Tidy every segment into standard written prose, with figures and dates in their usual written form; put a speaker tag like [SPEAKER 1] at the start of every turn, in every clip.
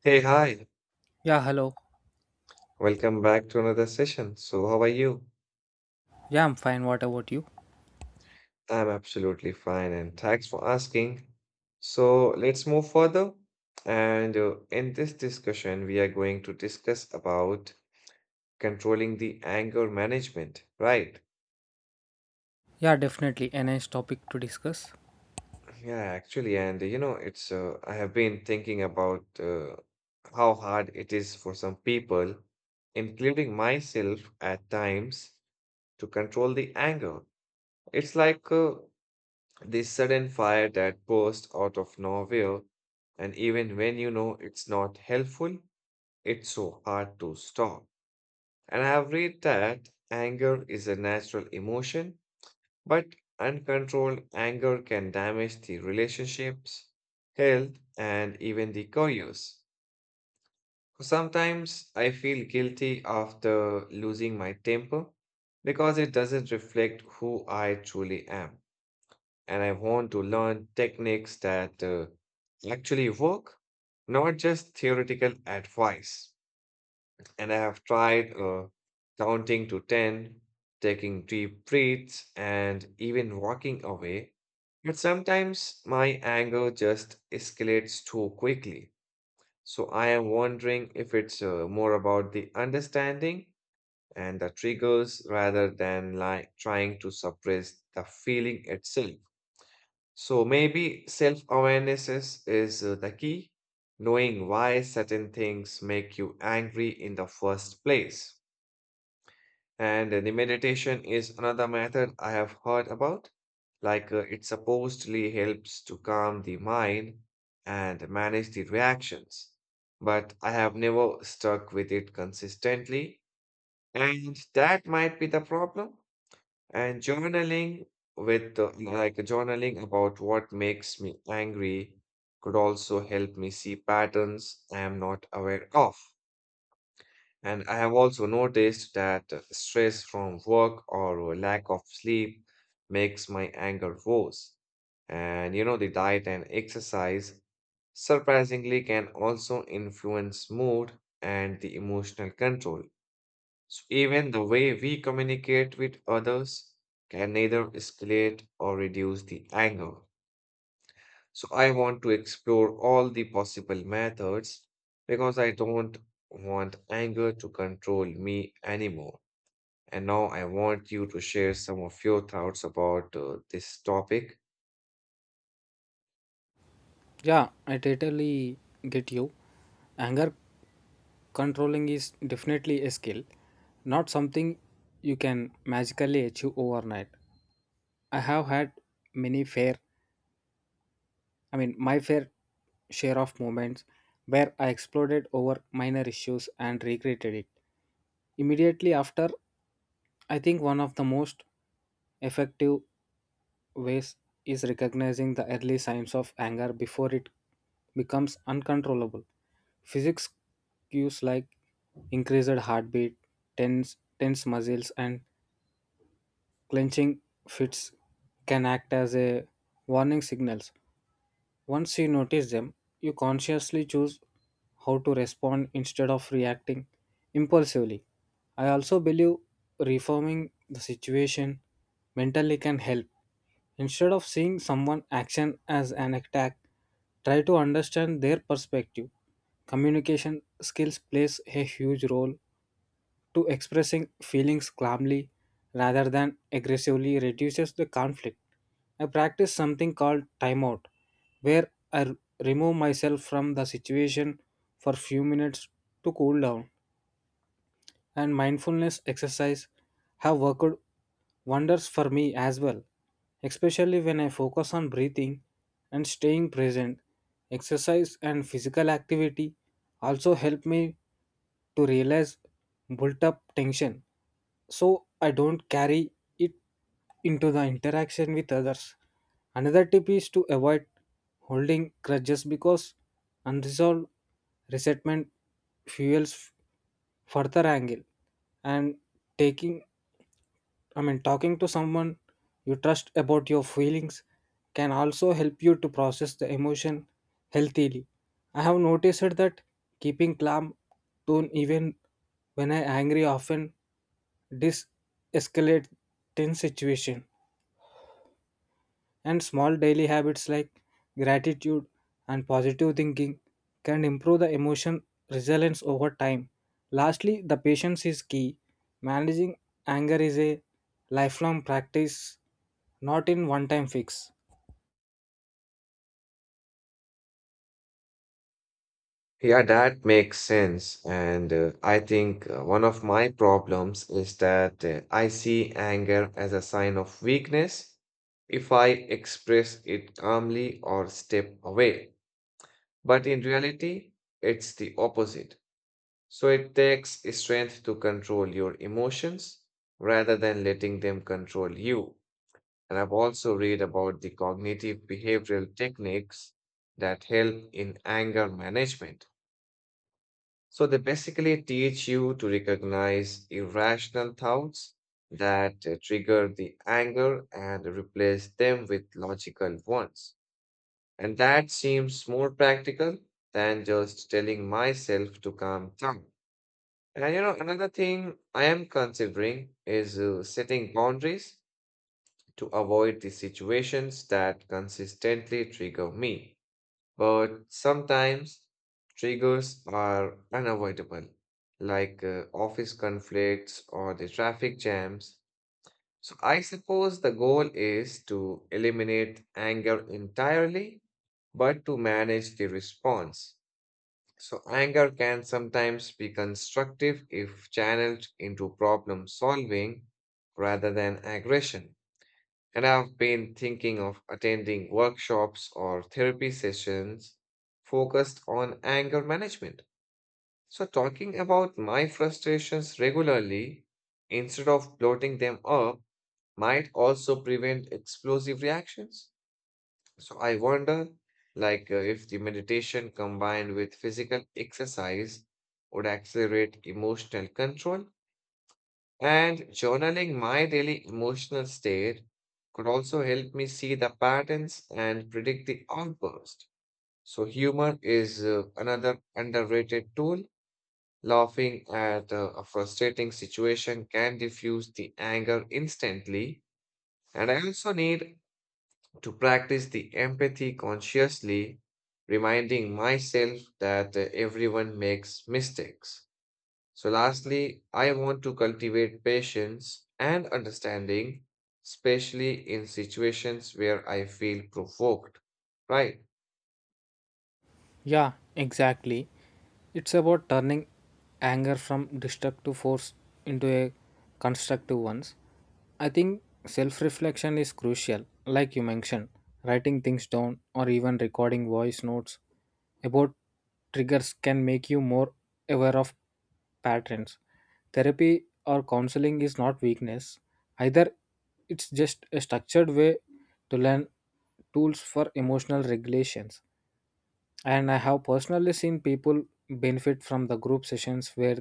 [SPEAKER 1] Hey, hi.
[SPEAKER 2] Yeah, hello.
[SPEAKER 1] Welcome back to another session. So, how are you?
[SPEAKER 2] Yeah, I'm fine. What about you?
[SPEAKER 1] I'm absolutely fine, and thanks for asking. So, let's move further. And in this discussion, we are going to discuss about controlling the anger management, right?
[SPEAKER 2] Yeah, definitely a nice topic to discuss.
[SPEAKER 1] Yeah, actually, and you know, it's I have been thinking about how hard it is for some people, including myself at times, to control the anger. It's like This sudden fire that bursts out of nowhere, and even when you know it's not helpful, it's so hard to stop. And I have read that anger is a natural emotion, but uncontrolled anger can damage the relationships, health, and even the careers. Sometimes I feel guilty after losing my temper because it doesn't reflect who I truly am. And I want to learn techniques that actually work, not just theoretical advice. And I have tried counting to 10, taking deep breaths, and even walking away. But sometimes my anger just escalates too quickly. So I am wondering if it's more about the understanding and the triggers rather than like trying to suppress the feeling itself. So maybe self-awareness is the key, knowing why certain things make you angry in the first place. And the meditation is another method I have heard about. It supposedly helps to calm the mind and manage the reactions. But I have never stuck with it consistently, and that might be the problem. And journaling with like journaling about what makes me angry could also help me see patterns I am not aware of. And I have also noticed that stress from work or lack of sleep makes my anger worse. And you know, the diet and exercise surprisingly can also influence mood and the emotional control. So even the way we communicate with others can either escalate or reduce the anger. So I want to explore all the possible methods because I don't want anger to control me anymore. And now I want you to share some of your thoughts about this topic.
[SPEAKER 2] Yeah, I totally get you. Anger controlling is definitely a skill, not something you can magically achieve overnight. I have had many fair, I mean, my fair share of moments where I exploded over minor issues and regretted it. Immediately after, I think one of the most effective ways is recognizing the early signs of anger before it becomes uncontrollable. Physics cues like increased heartbeat, tense muscles, and clenching fists can act as a warning signals. Once you notice them, you consciously choose how to respond instead of reacting impulsively. I also believe reforming the situation mentally can help. Instead of seeing someone's action as an attack, try to understand their perspective. Communication skills plays a huge role to expressing feelings calmly rather than aggressively reduces the conflict. I practice something called timeout, where remove myself from the situation for few minutes to cool down. And mindfulness exercise have worked wonders for me as well, especially when I focus on breathing and staying present. Exercise and physical activity also help me to realize built up tension so I don't carry it into the interaction with others. Another tip is to avoid holding grudges because unresolved resentment fuels further anger and taking talking to someone you trust about your feelings can also help you to process the emotion healthily. I have noticed that keeping calm tone even when I angry often de-escalate tense situation. And small daily habits like gratitude and positive thinking can improve the emotion resilience over time. Lastly, the patience is key. Managing anger is a lifelong practice, not in one time fix.
[SPEAKER 1] Yeah, that makes sense. And I think one of my problems is that I see anger as a sign of weakness if I express it calmly or step away. But in reality, it's the opposite. So it takes strength to control your emotions rather than letting them control you. And I've also read about the cognitive behavioral techniques that help in anger management, so they basically teach you to recognize irrational thoughts that trigger the anger and replace them with logical ones. And that seems more practical than just telling myself to calm down. And you know, another thing I am considering is setting boundaries to avoid the situations that consistently trigger me. But sometimes triggers are unavoidable, like office conflicts or the traffic jams. So I suppose the goal is to eliminate anger entirely, but to manage the response. So anger can sometimes be constructive if channeled into problem solving rather than aggression. And I've been thinking of attending workshops or therapy sessions focused on anger management. So, talking about my frustrations regularly instead of bloating them up might also prevent explosive reactions. So, I wonder if the meditation combined with physical exercise would accelerate emotional control, and journaling my daily emotional state could also help me see the patterns and predict the outburst. So, humor is another underrated tool. Laughing at a frustrating situation can diffuse the anger instantly. And I also need to practice the empathy consciously, reminding myself that everyone makes mistakes. So, lastly, I want to cultivate patience and understanding, especially in situations where I feel provoked. Right?
[SPEAKER 2] Yeah, exactly. It's about turning anger from destructive force into a constructive ones. I think self-reflection is crucial, like you mentioned, writing things down or even recording voice notes about triggers can make you more aware of patterns. Therapy or counseling is not weakness. Either it's just a structured way to learn tools for emotional regulations. And I have personally seen people benefit from the group sessions where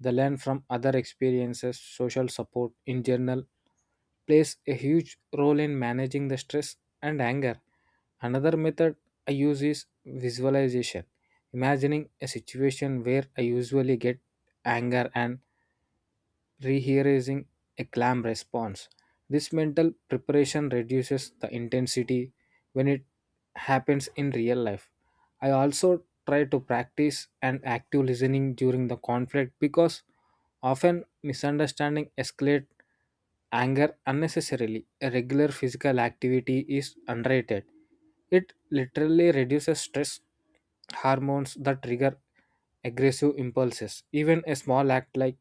[SPEAKER 2] they learn from other experiences. Social support in general plays a huge role in managing the stress and anger. Another method I use is visualization, imagining a situation where I usually get anger and rehearsing a clam response. This mental preparation reduces the intensity when it happens in real life. I also try to practice an active listening during the conflict because often misunderstanding escalate anger unnecessarily. A regular physical activity is underrated. It literally reduces stress hormones that trigger aggressive impulses. Even a small act like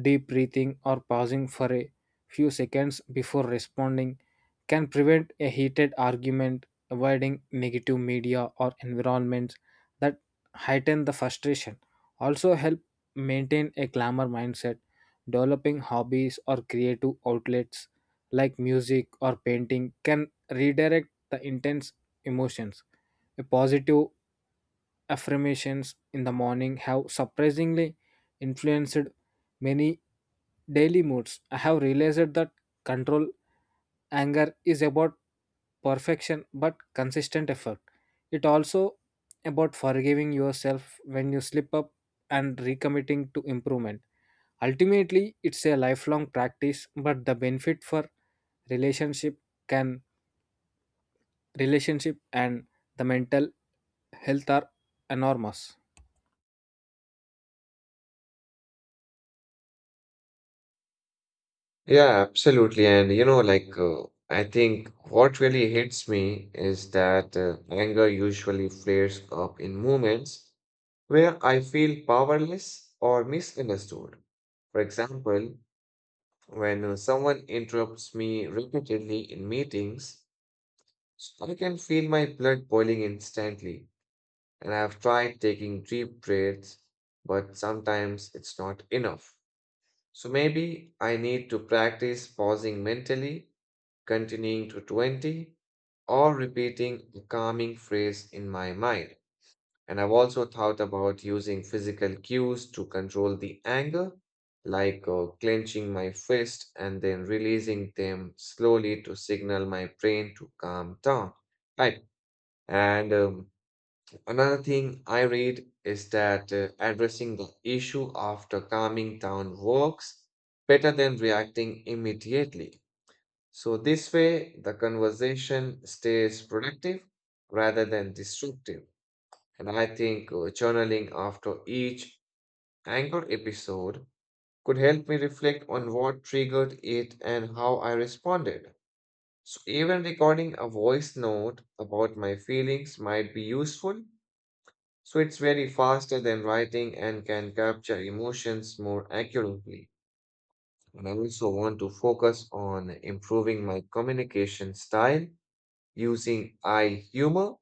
[SPEAKER 2] deep breathing or pausing for a few seconds before responding can prevent a heated argument, avoiding negative media or environments that heighten the frustration. Also, help maintain a glamour mindset, developing hobbies or creative outlets like music or painting can redirect the intense emotions. A positive affirmations in the morning have surprisingly influenced many daily moods. I have realized that control anger is about perfection but consistent effort. It also about forgiving yourself when you slip up and recommitting to improvement. Ultimately, it's a lifelong practice, but the benefit for relationship can relationship and the mental health are enormous.
[SPEAKER 1] Yeah, absolutely. And you know, I think what really hits me is that anger usually flares up in moments where I feel powerless or misunderstood. For example, when someone interrupts me repeatedly in meetings, so I can feel my blood boiling instantly, and I've tried taking deep breaths, but sometimes it's not enough. So maybe I need to practice pausing mentally, continuing to 20, or repeating a calming phrase in my mind. And I've also thought about using physical cues to control the anger, like clenching my fist and then releasing them slowly to signal my brain to calm down. I and Another thing I read is that addressing the issue after calming down works better than reacting immediately. So, this way, the conversation stays productive rather than destructive. And I think journaling after each anger episode could help me reflect on what triggered it and how I responded. So, even recording a voice note about my feelings might be useful, so it's very faster than writing and can capture emotions more accurately. And I also want to focus on improving my communication style using eye humor,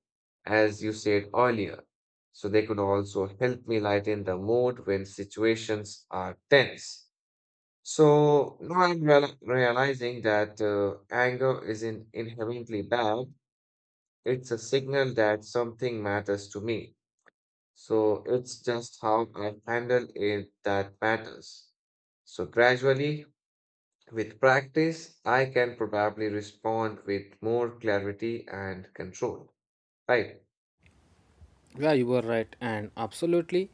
[SPEAKER 1] as you said earlier. So they could also help me lighten the mood when situations are tense. So now I'm realizing that anger isn't inherently bad. It's a signal that something matters to me. So it's just how I handle it that matters. So gradually, with practice, I can probably respond with more clarity and control. Right.
[SPEAKER 2] Yeah, you were right, and absolutely,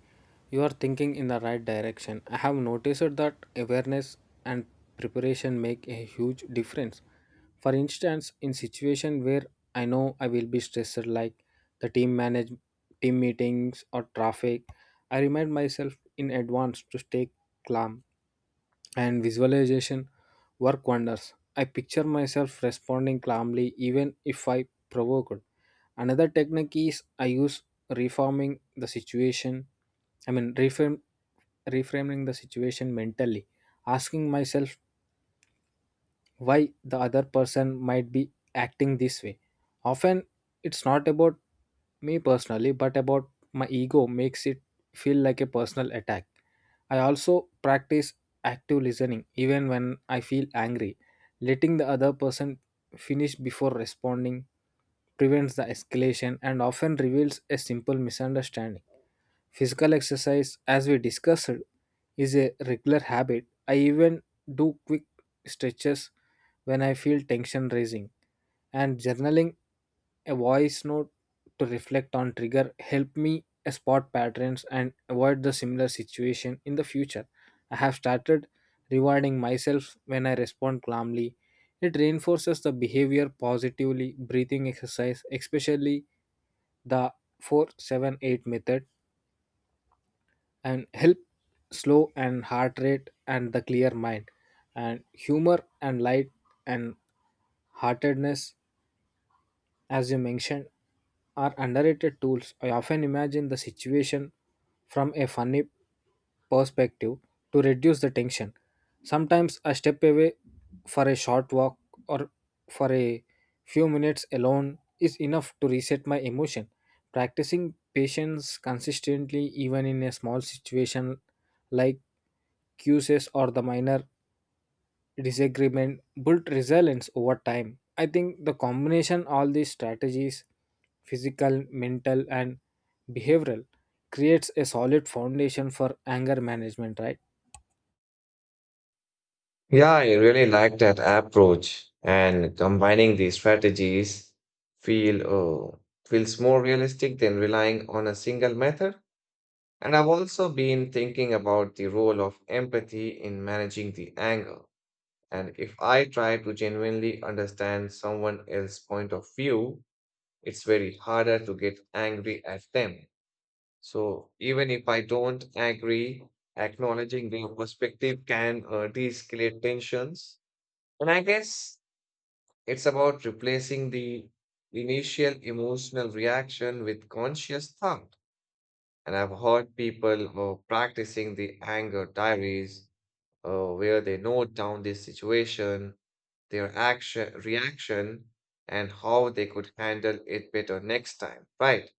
[SPEAKER 2] you are thinking in the right direction. I have noticed that awareness and preparation make a huge difference. For instance, in situation where I know I will be stressed, like the team manage team meetings or traffic, I remind myself in advance to stay calm and visualization work wonders. I picture myself responding calmly even if I provoked. Another technique is I use reforming the situation. I mean, reframe, reframing the situation mentally, asking myself why the other person might be acting this way. Often it's not about me personally, but about my ego makes it feel like a personal attack. I also practice active listening even when I feel angry. Letting the other person finish before responding prevents the escalation and often reveals a simple misunderstanding. Physical exercise, as we discussed, is a regular habit. I even do quick stretches when I feel tension rising. And journaling a voice note to reflect on trigger help me spot patterns and avoid the similar situation in the future. I have started rewarding myself when I respond calmly. It reinforces the behavior positively. Breathing exercise, especially the 478 method and help slow and heart rate and the clear mind and humor and light and heartedness as you mentioned are underrated tools. I often imagine the situation from a funny perspective to reduce the tension. Sometimes I step away for a short walk or for a few minutes alone is enough to reset my emotion. Practicing patience consistently even in a small situation like cues or the minor disagreement built resilience over time. I think the combination all these strategies, physical, mental, and behavioral, creates a solid foundation for anger management, right?
[SPEAKER 1] Yeah, I really like that approach, and combining these strategies feel oh, feels more realistic than relying on a single method. And I've also been thinking about the role of empathy in managing the anger. And if I try to genuinely understand someone else's point of view, it's very harder to get angry at them. So even if I don't agree, acknowledging their perspective can de-escalate tensions. And I guess it's about replacing the initial emotional reaction with conscious thought. And I've heard people who are practicing the anger diaries where they note down this situation, their action, reaction, and how they could handle it better next time, right?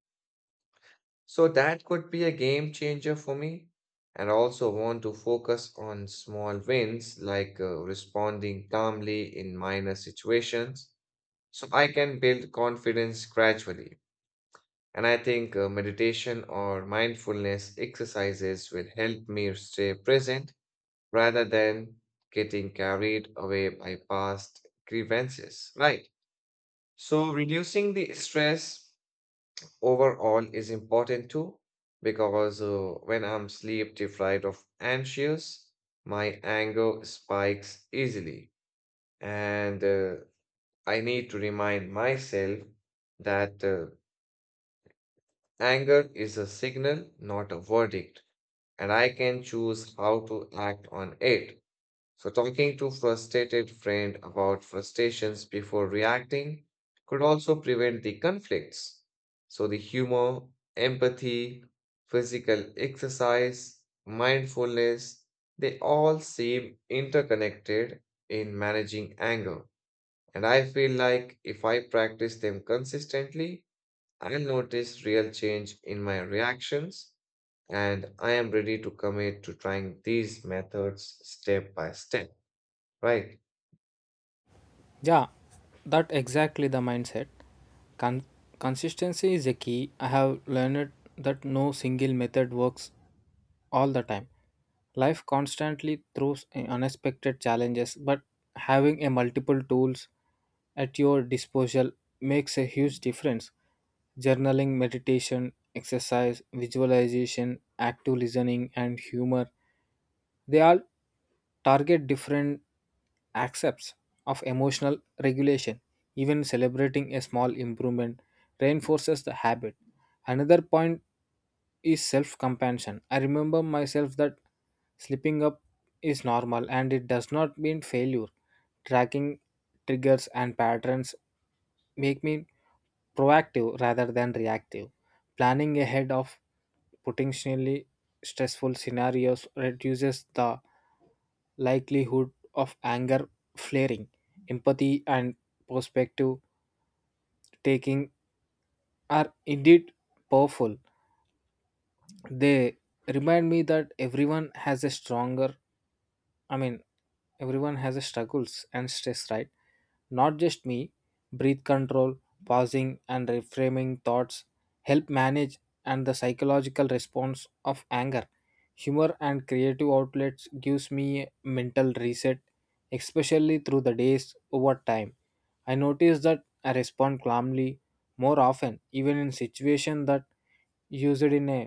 [SPEAKER 1] So that could be a game changer for me. And also want to focus on small wins like responding calmly in minor situations so I can build confidence gradually. And I think meditation or mindfulness exercises will help me stay present rather than getting carried away by past grievances, right? So, reducing the stress overall is important too, because when I'm sleep deprived of anxious, my anger spikes easily. And I need to remind myself that anger is a signal, not a verdict, and I can choose how to act on it. So, talking to frustrated friend about frustrations before reacting could also prevent the conflicts. So, the humor, empathy, physical exercise, mindfulness, they all seem interconnected in managing anger. And I feel like if I practice them consistently, I'll notice real change in my reactions, and I am ready to commit to trying these methods step by step, right?
[SPEAKER 2] Yeah, that exactly the mindset. Con- Consistency is a key. I have learned that no single method works all the time. Life constantly throws unexpected challenges, but having a multiple tools at your disposal makes a huge difference. Journaling, meditation, exercise, visualization, active listening, and humor, they all target different aspects of emotional regulation. Even celebrating a small improvement reinforces the habit. Another point is self compassion. I remember myself that slipping up is normal and it does not mean failure. Tracking triggers and patterns make me proactive rather than reactive. Planning ahead of potentially stressful scenarios reduces the likelihood of anger flaring. Empathy and perspective taking are indeed powerful. They remind me that i mean everyone has a struggles and stress, right, not just me. Breath control, pausing and reframing thoughts help manage and the psychological response of anger. Humor and creative outlets gives me mental reset, especially through the days. Over time I notice that I respond calmly more often even in situations that used in a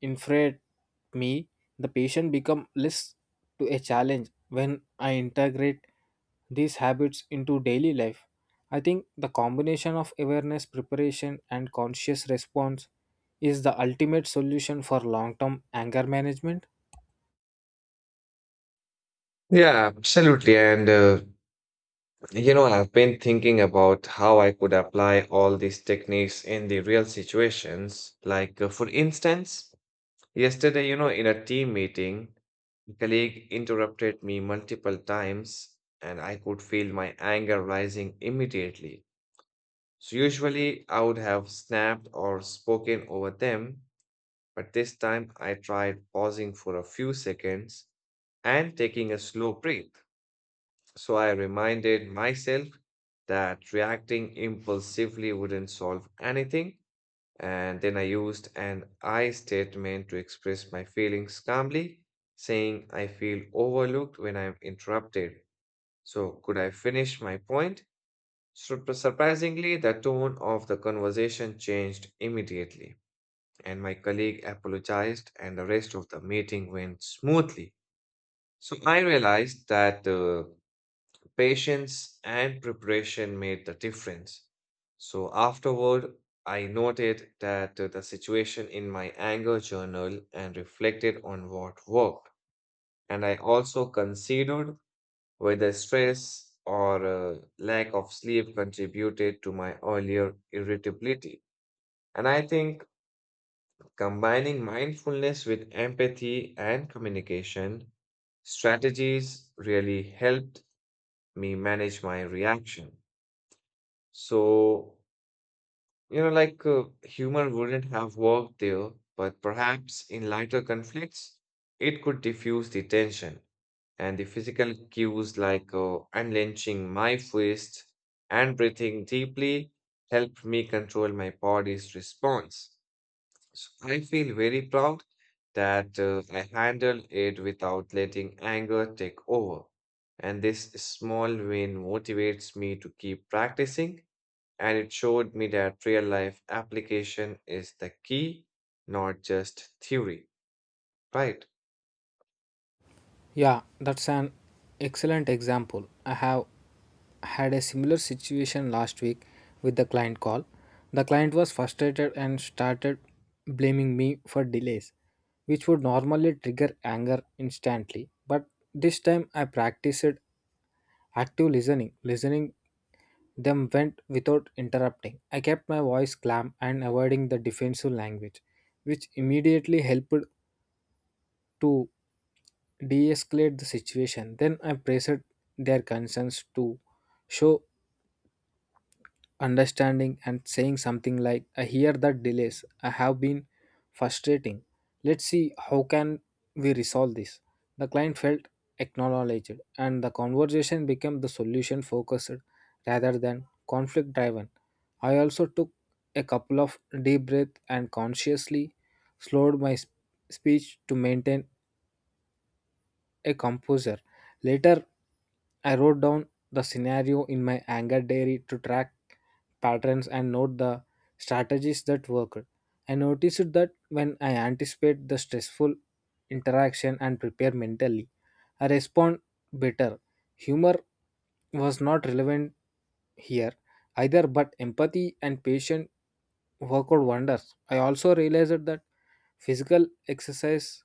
[SPEAKER 2] Infrared me. The patient become less to a challenge when I integrate these habits into daily life. I think the combination of awareness preparation and conscious response is the ultimate solution for long term anger management.
[SPEAKER 1] Yeah, absolutely. And, you know, I've been thinking about how I could apply all these techniques in the real situations. Like, for instance, yesterday, you know, in a team meeting, a colleague interrupted me multiple times, and I could feel my anger rising immediately. So, usually, I would have snapped or spoken over them, but this time I tried pausing for a few seconds and taking a slow breath. So I reminded myself that reacting impulsively wouldn't solve anything. And then I used an I statement to express my feelings calmly, saying I feel overlooked when I'm interrupted. So, could I finish my point? Surprisingly, the tone of the conversation changed immediately, and my colleague apologized, and the rest of the meeting went smoothly. So, I realized that patience and preparation made the difference. So afterward, I noted that the situation in my anger journal and reflected on what worked. And I also considered whether stress or lack of sleep contributed to my earlier irritability. And I think combining mindfulness with empathy and communication strategies really helped me manage my reaction. So, you know, humor wouldn't have worked there, but perhaps in lighter conflicts, it could diffuse the tension. And the physical cues like unlenching my fist and breathing deeply helped me control my body's response. So I feel very proud that I handled it without letting anger take over. And this small win motivates me to keep practicing, and it showed me that real life application is the key, not just theory, right?
[SPEAKER 2] Yeah, that's an excellent example. I have had a similar situation last week with the client call. The client was frustrated and started blaming me for delays, which would normally trigger anger instantly. But this time I practiced active listening. Listening them went without interrupting. I kept my voice calm and avoiding the defensive language, which immediately helped to de-escalate the situation. Then I present their concerns to show understanding and saying something like, I hear that delays I have been frustrating. Let's see how can we resolve this. The client felt acknowledged and the conversation became the solution focused rather than conflict driven. I also took a couple of deep breaths and consciously slowed speech to maintain a composer. Later, I wrote down the scenario in my anger diary to track patterns and note the strategies that worked. I noticed that when I anticipate the stressful interaction and prepare mentally, I respond better. Humor was not relevant here either, but empathy and patience work out wonders. I also realized that physical exercise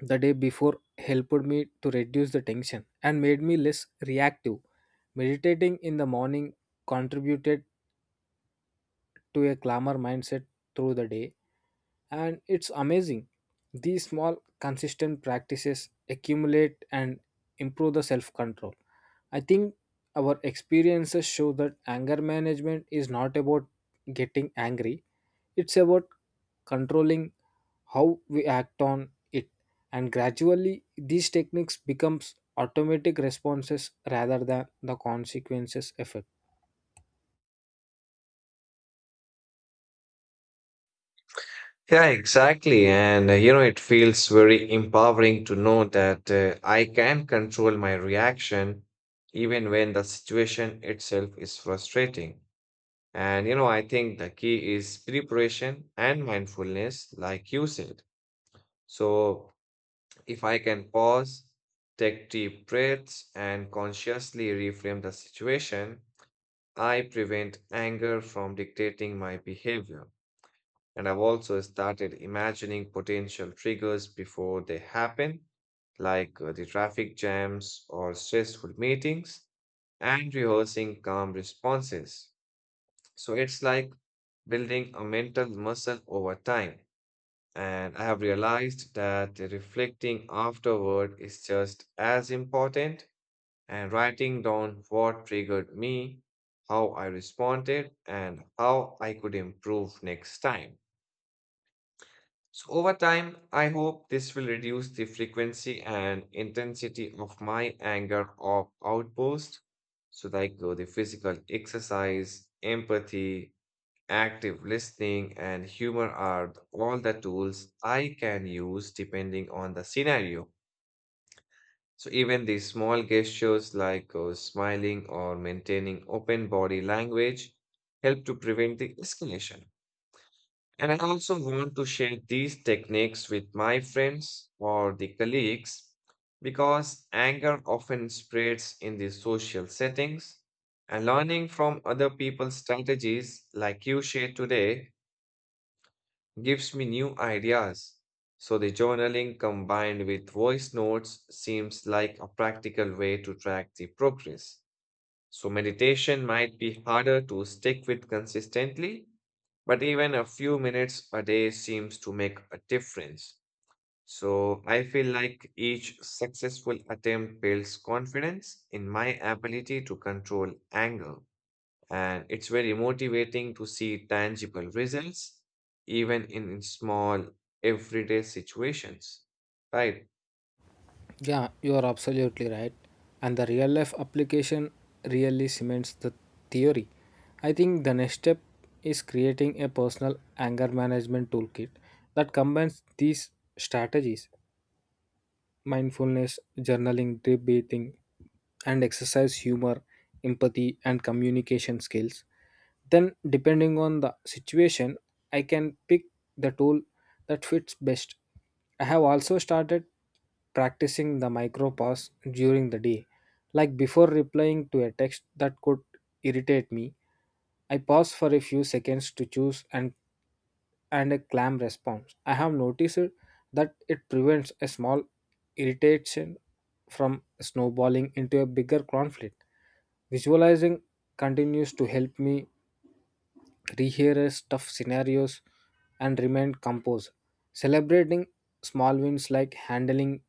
[SPEAKER 2] the day before helped me to reduce the tension and made me less reactive. Meditating in the morning contributed to a calmer mindset through the day, and it's amazing. These small, consistent practices accumulate and improve the self control. I think our experiences show that anger management is not about getting angry, it's about controlling how we act on it, and gradually these techniques becomes automatic responses rather than the consequences effect.
[SPEAKER 1] Yeah, exactly. And you know, it feels very empowering to know that I can control my reaction even when the situation itself is frustrating. And you know, I think the key is preparation and mindfulness, like you said. So if I can pause, take deep breaths, and consciously reframe the situation, I prevent anger from dictating my behavior. And I've also started imagining potential triggers before they happen, like the traffic jams or stressful meetings, and rehearsing calm responses. So it's like building a mental muscle over time. And I have realized that reflecting afterward is just as important, and writing down what triggered me, how I responded, and how I could improve next time. So, over time, I hope this will reduce the frequency and intensity of my anger or outburst. So, like the physical exercise, empathy, active listening, and humor are all the tools I can use depending on the scenario. So even the small gestures like smiling or maintaining open body language help to prevent the escalation. And I also want to share these techniques with my friends or the colleagues because anger often spreads in the social settings. And learning from other people's strategies, like you shared today, gives me new ideas. So the journaling combined with voice notes seems like a practical way to track the progress. So meditation might be harder to stick with consistently, but even a few minutes a day seems to make a difference. So I feel like each successful attempt builds confidence in my ability to control anger. And it's very motivating to see tangible results, even in small, everyday situations. Right.
[SPEAKER 2] Yeah, you are absolutely right, and the real life application really cements the theory. I think the next step is creating a personal anger management toolkit that combines these strategies: mindfulness, journaling, deep breathing, and exercise humor, empathy, and communication skills. Then, depending on the situation, I can pick the tool that fits best. I have also started practicing the micro pause during the day, like before replying to a text that could irritate me. I pause for a few seconds to choose and a clam response. I have noticed that it prevents a small irritation from snowballing into a bigger conflict. Visualizing continues to help me rehearse tough scenarios and remain composed. Celebrating small wins like handling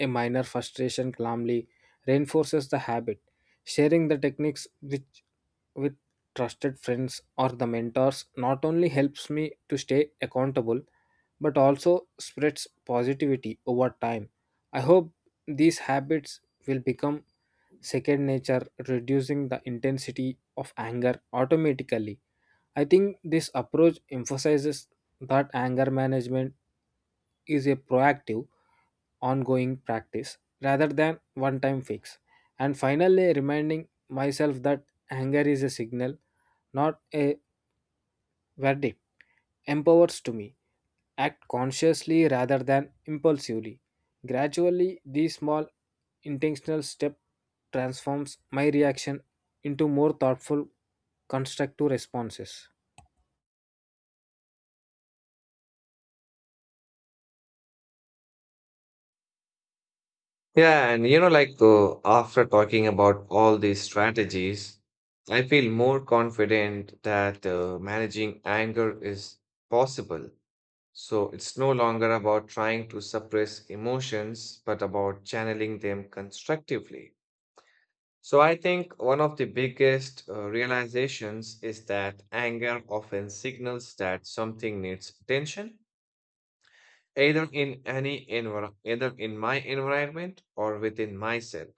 [SPEAKER 2] a minor frustration calmly reinforces the habit. Sharing the techniques with trusted friends or the mentors not only helps me to stay accountable but also spreads positivity over time. I hope these habits will become second nature, reducing the intensity of anger automatically. I think this approach emphasizes that anger management is a proactive, ongoing practice rather than one time fix. And finally, reminding myself that anger is a signal not a verdict, empowers to me. Act consciously rather than impulsively. Gradually, these small intentional step transforms my reaction into more thoughtful, constructive responses.
[SPEAKER 1] Yeah. And, you know, after talking about all these strategies, I feel more confident that managing anger is possible. So it's no longer about trying to suppress emotions, but about channeling them constructively. So I think one of the biggest realizations is that anger often signals that something needs attention, either in my environment or within myself.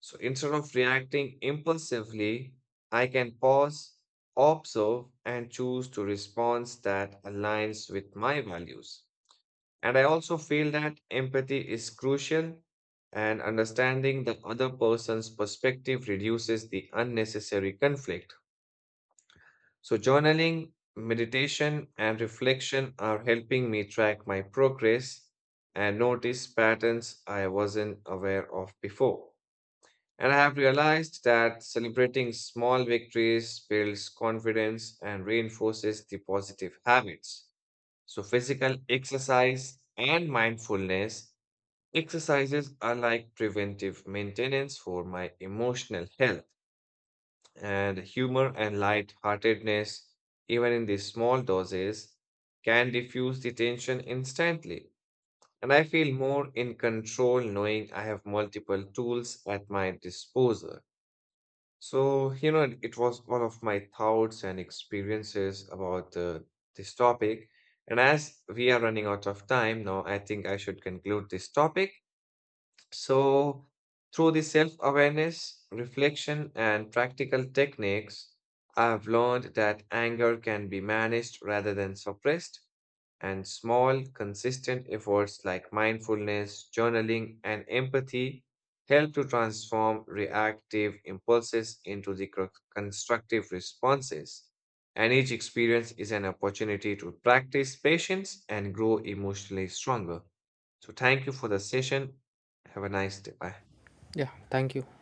[SPEAKER 1] So instead of reacting impulsively, I can pause, observe, and choose to response that aligns with my values. And I also feel that empathy is crucial, and understanding the other person's perspective reduces the unnecessary conflict. So, journaling, meditation, and reflection are helping me track my progress and notice patterns I wasn't aware of before. And I have realized that celebrating small victories builds confidence and reinforces the positive habits. So, physical exercise and mindfulness exercises are like preventive maintenance for my emotional health, and humor and light-heartedness, even in these small doses, can diffuse the tension instantly. And I feel more in control knowing I have multiple tools at my disposal. So, you know, it was one of my thoughts and experiences about this topic. And as we are running out of time now, I think I should conclude this topic. So, through the self awareness, reflection, and practical techniques, I've learned that anger can be managed rather than suppressed. And small, consistent efforts like mindfulness, journaling, and empathy help to transform reactive impulses into the constructive responses. And each experience is an opportunity to practice patience and grow emotionally stronger. So, thank you for the session. Have a nice day. Bye.
[SPEAKER 2] Yeah, thank you.